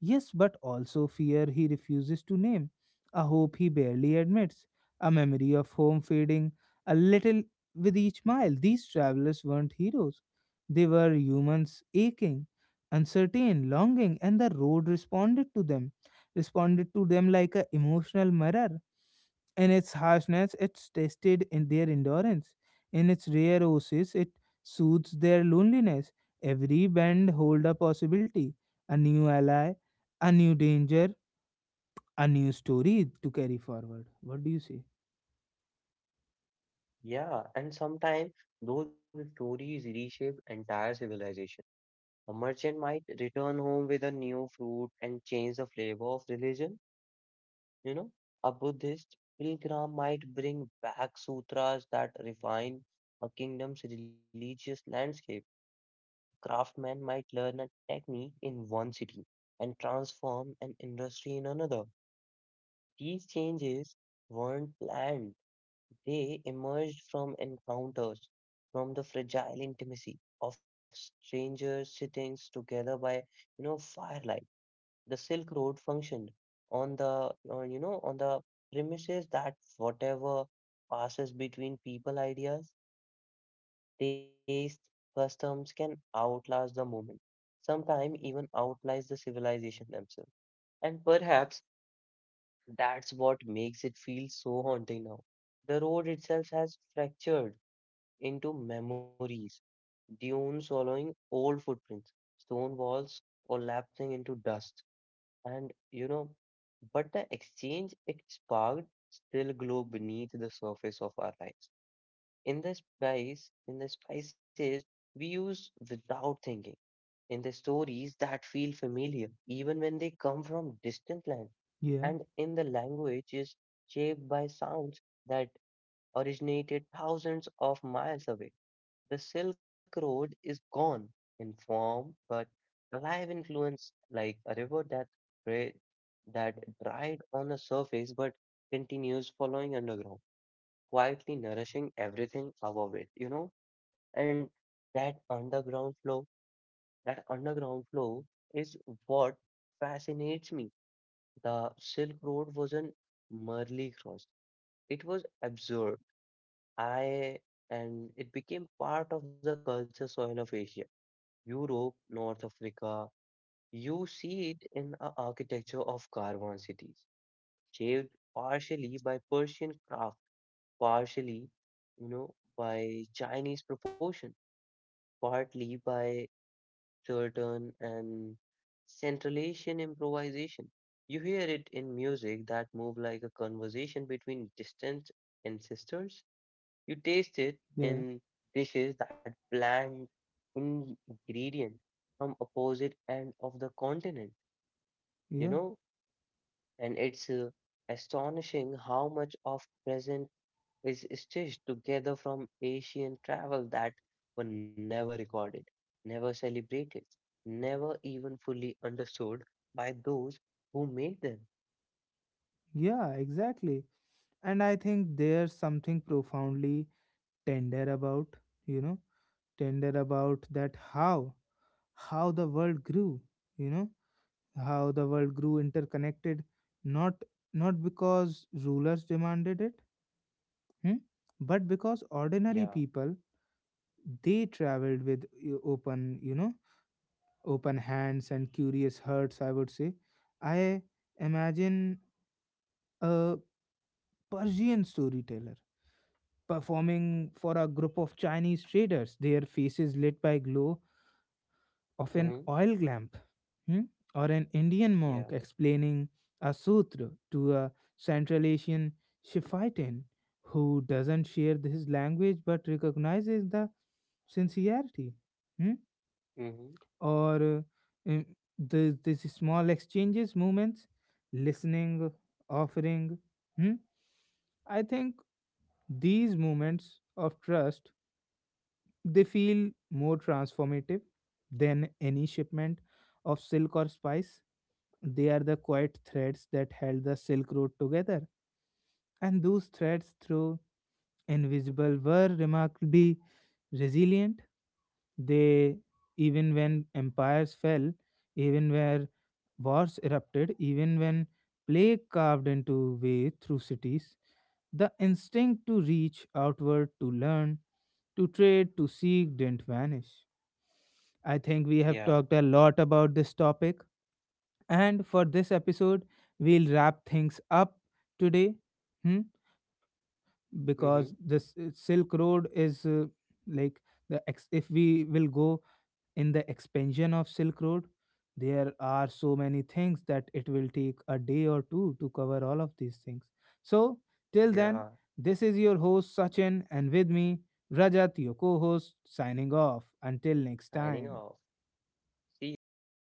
Speaker 1: yes, but also fear he refuses to name, a hope he barely admits, a memory of home fading a little with each mile. These travelers weren't heroes. They were humans aching, uncertain, longing, and the road responded to them, responded to them like an emotional mirror. In its harshness, it tested in their endurance. In its rare oasis, it soothes their loneliness. Every bend hold a possibility, a new ally, a new danger, a new story to carry forward. What do you say?
Speaker 2: Yeah, and sometimes those stories reshape entire civilization. A merchant might return home with a new fruit and change the flavor of religion, you know. A Buddhist pilgrim might bring back sutras that refine a kingdom's religious landscape. A craftsman might learn a technique in one city and transform an industry in another. These changes weren't planned, they emerged from encounters, from the fragile intimacy of strangers sitting together by, you know, firelight. The Silk Road functioned on the, on, you know, on the premises that whatever passes between people, ideas, tastes, customs can outlast the moment. Sometimes even outlast the civilization themselves. And perhaps that's what makes it feel so haunting now. The road itself has fractured into memories, dunes swallowing old footprints, stone walls collapsing into dust. And you know, but the exchange it sparked still glow beneath the surface of our lives. In the spice, in the spices we use without thinking, in the stories that feel familiar, even when they come from distant land,
Speaker 1: Yeah,
Speaker 2: and in the language is shaped by sounds that originated thousands of miles away. The Silk Road is gone in form, but alive in influence like a river that dri- that dried on the surface but continues following underground, quietly nourishing everything above it, you know? And that underground flow, that underground flow is what fascinates me. The Silk Road wasn't merely crossed, it was absorbed. I and it became part of the culture soil of Asia. Europe, North Africa, you see it in the architecture of caravan cities, shaped partially by Persian craft, partially, you know, by Chinese proportion, partly by certain and Central Asian improvisation. You hear it in music that move like a conversation between distant ancestors you taste it
Speaker 1: yeah,
Speaker 2: in dishes that blend ingredients from opposite end of the continent, you
Speaker 1: yeah,
Speaker 2: know, and it's uh, astonishing how much of present is stitched together from Asian travel that were never recorded, never celebrated, never even fully understood by those who made them.
Speaker 1: yeah, exactly. And I think there's something profoundly tender about, you know, tender about that how, how the world grew, you know, how the world grew interconnected, not, not because rulers demanded it, hmm? But because ordinary
Speaker 2: Yeah.
Speaker 1: people they traveled with uh, open, you know, open hands and curious hearts, I would say. I imagine a Persian storyteller performing for a group of Chinese traders, their faces lit by glow of an
Speaker 2: Hmm.
Speaker 1: oil lamp, hmm? Or an Indian monk
Speaker 2: Yeah.
Speaker 1: explaining a sutra to a Central Asian Shiphitan who doesn't share his language but recognizes the sincerity. Hmm?
Speaker 2: Hmm.
Speaker 1: or uh, uh, the these small exchanges, movements, listening, offering, hmm? I think these moments of trust, they feel more transformative than any shipment of silk or spice. They are the quiet threads that held the silk road together, and those threads through invisible were remarkably resilient. They, even when empires fell, even where wars erupted, even when plague carved into way through cities, the instinct to reach outward, to learn, to trade, to seek didn't vanish. I think we have
Speaker 2: Yeah.
Speaker 1: talked a lot about this topic, and for this episode, we'll wrap things up today, hmm? Because
Speaker 2: Hmm.
Speaker 1: this uh, Silk Road is uh, like the ex- if we will go in the expansion of Silk Road, there are so many things that it will take a day or two to cover all of these things. So, till then,
Speaker 2: Yeah.
Speaker 1: this is your host Sachin, and with me, Rajat, your co host, signing off. Until next
Speaker 2: Signing
Speaker 1: time.
Speaker 2: off. See you. Bye bye.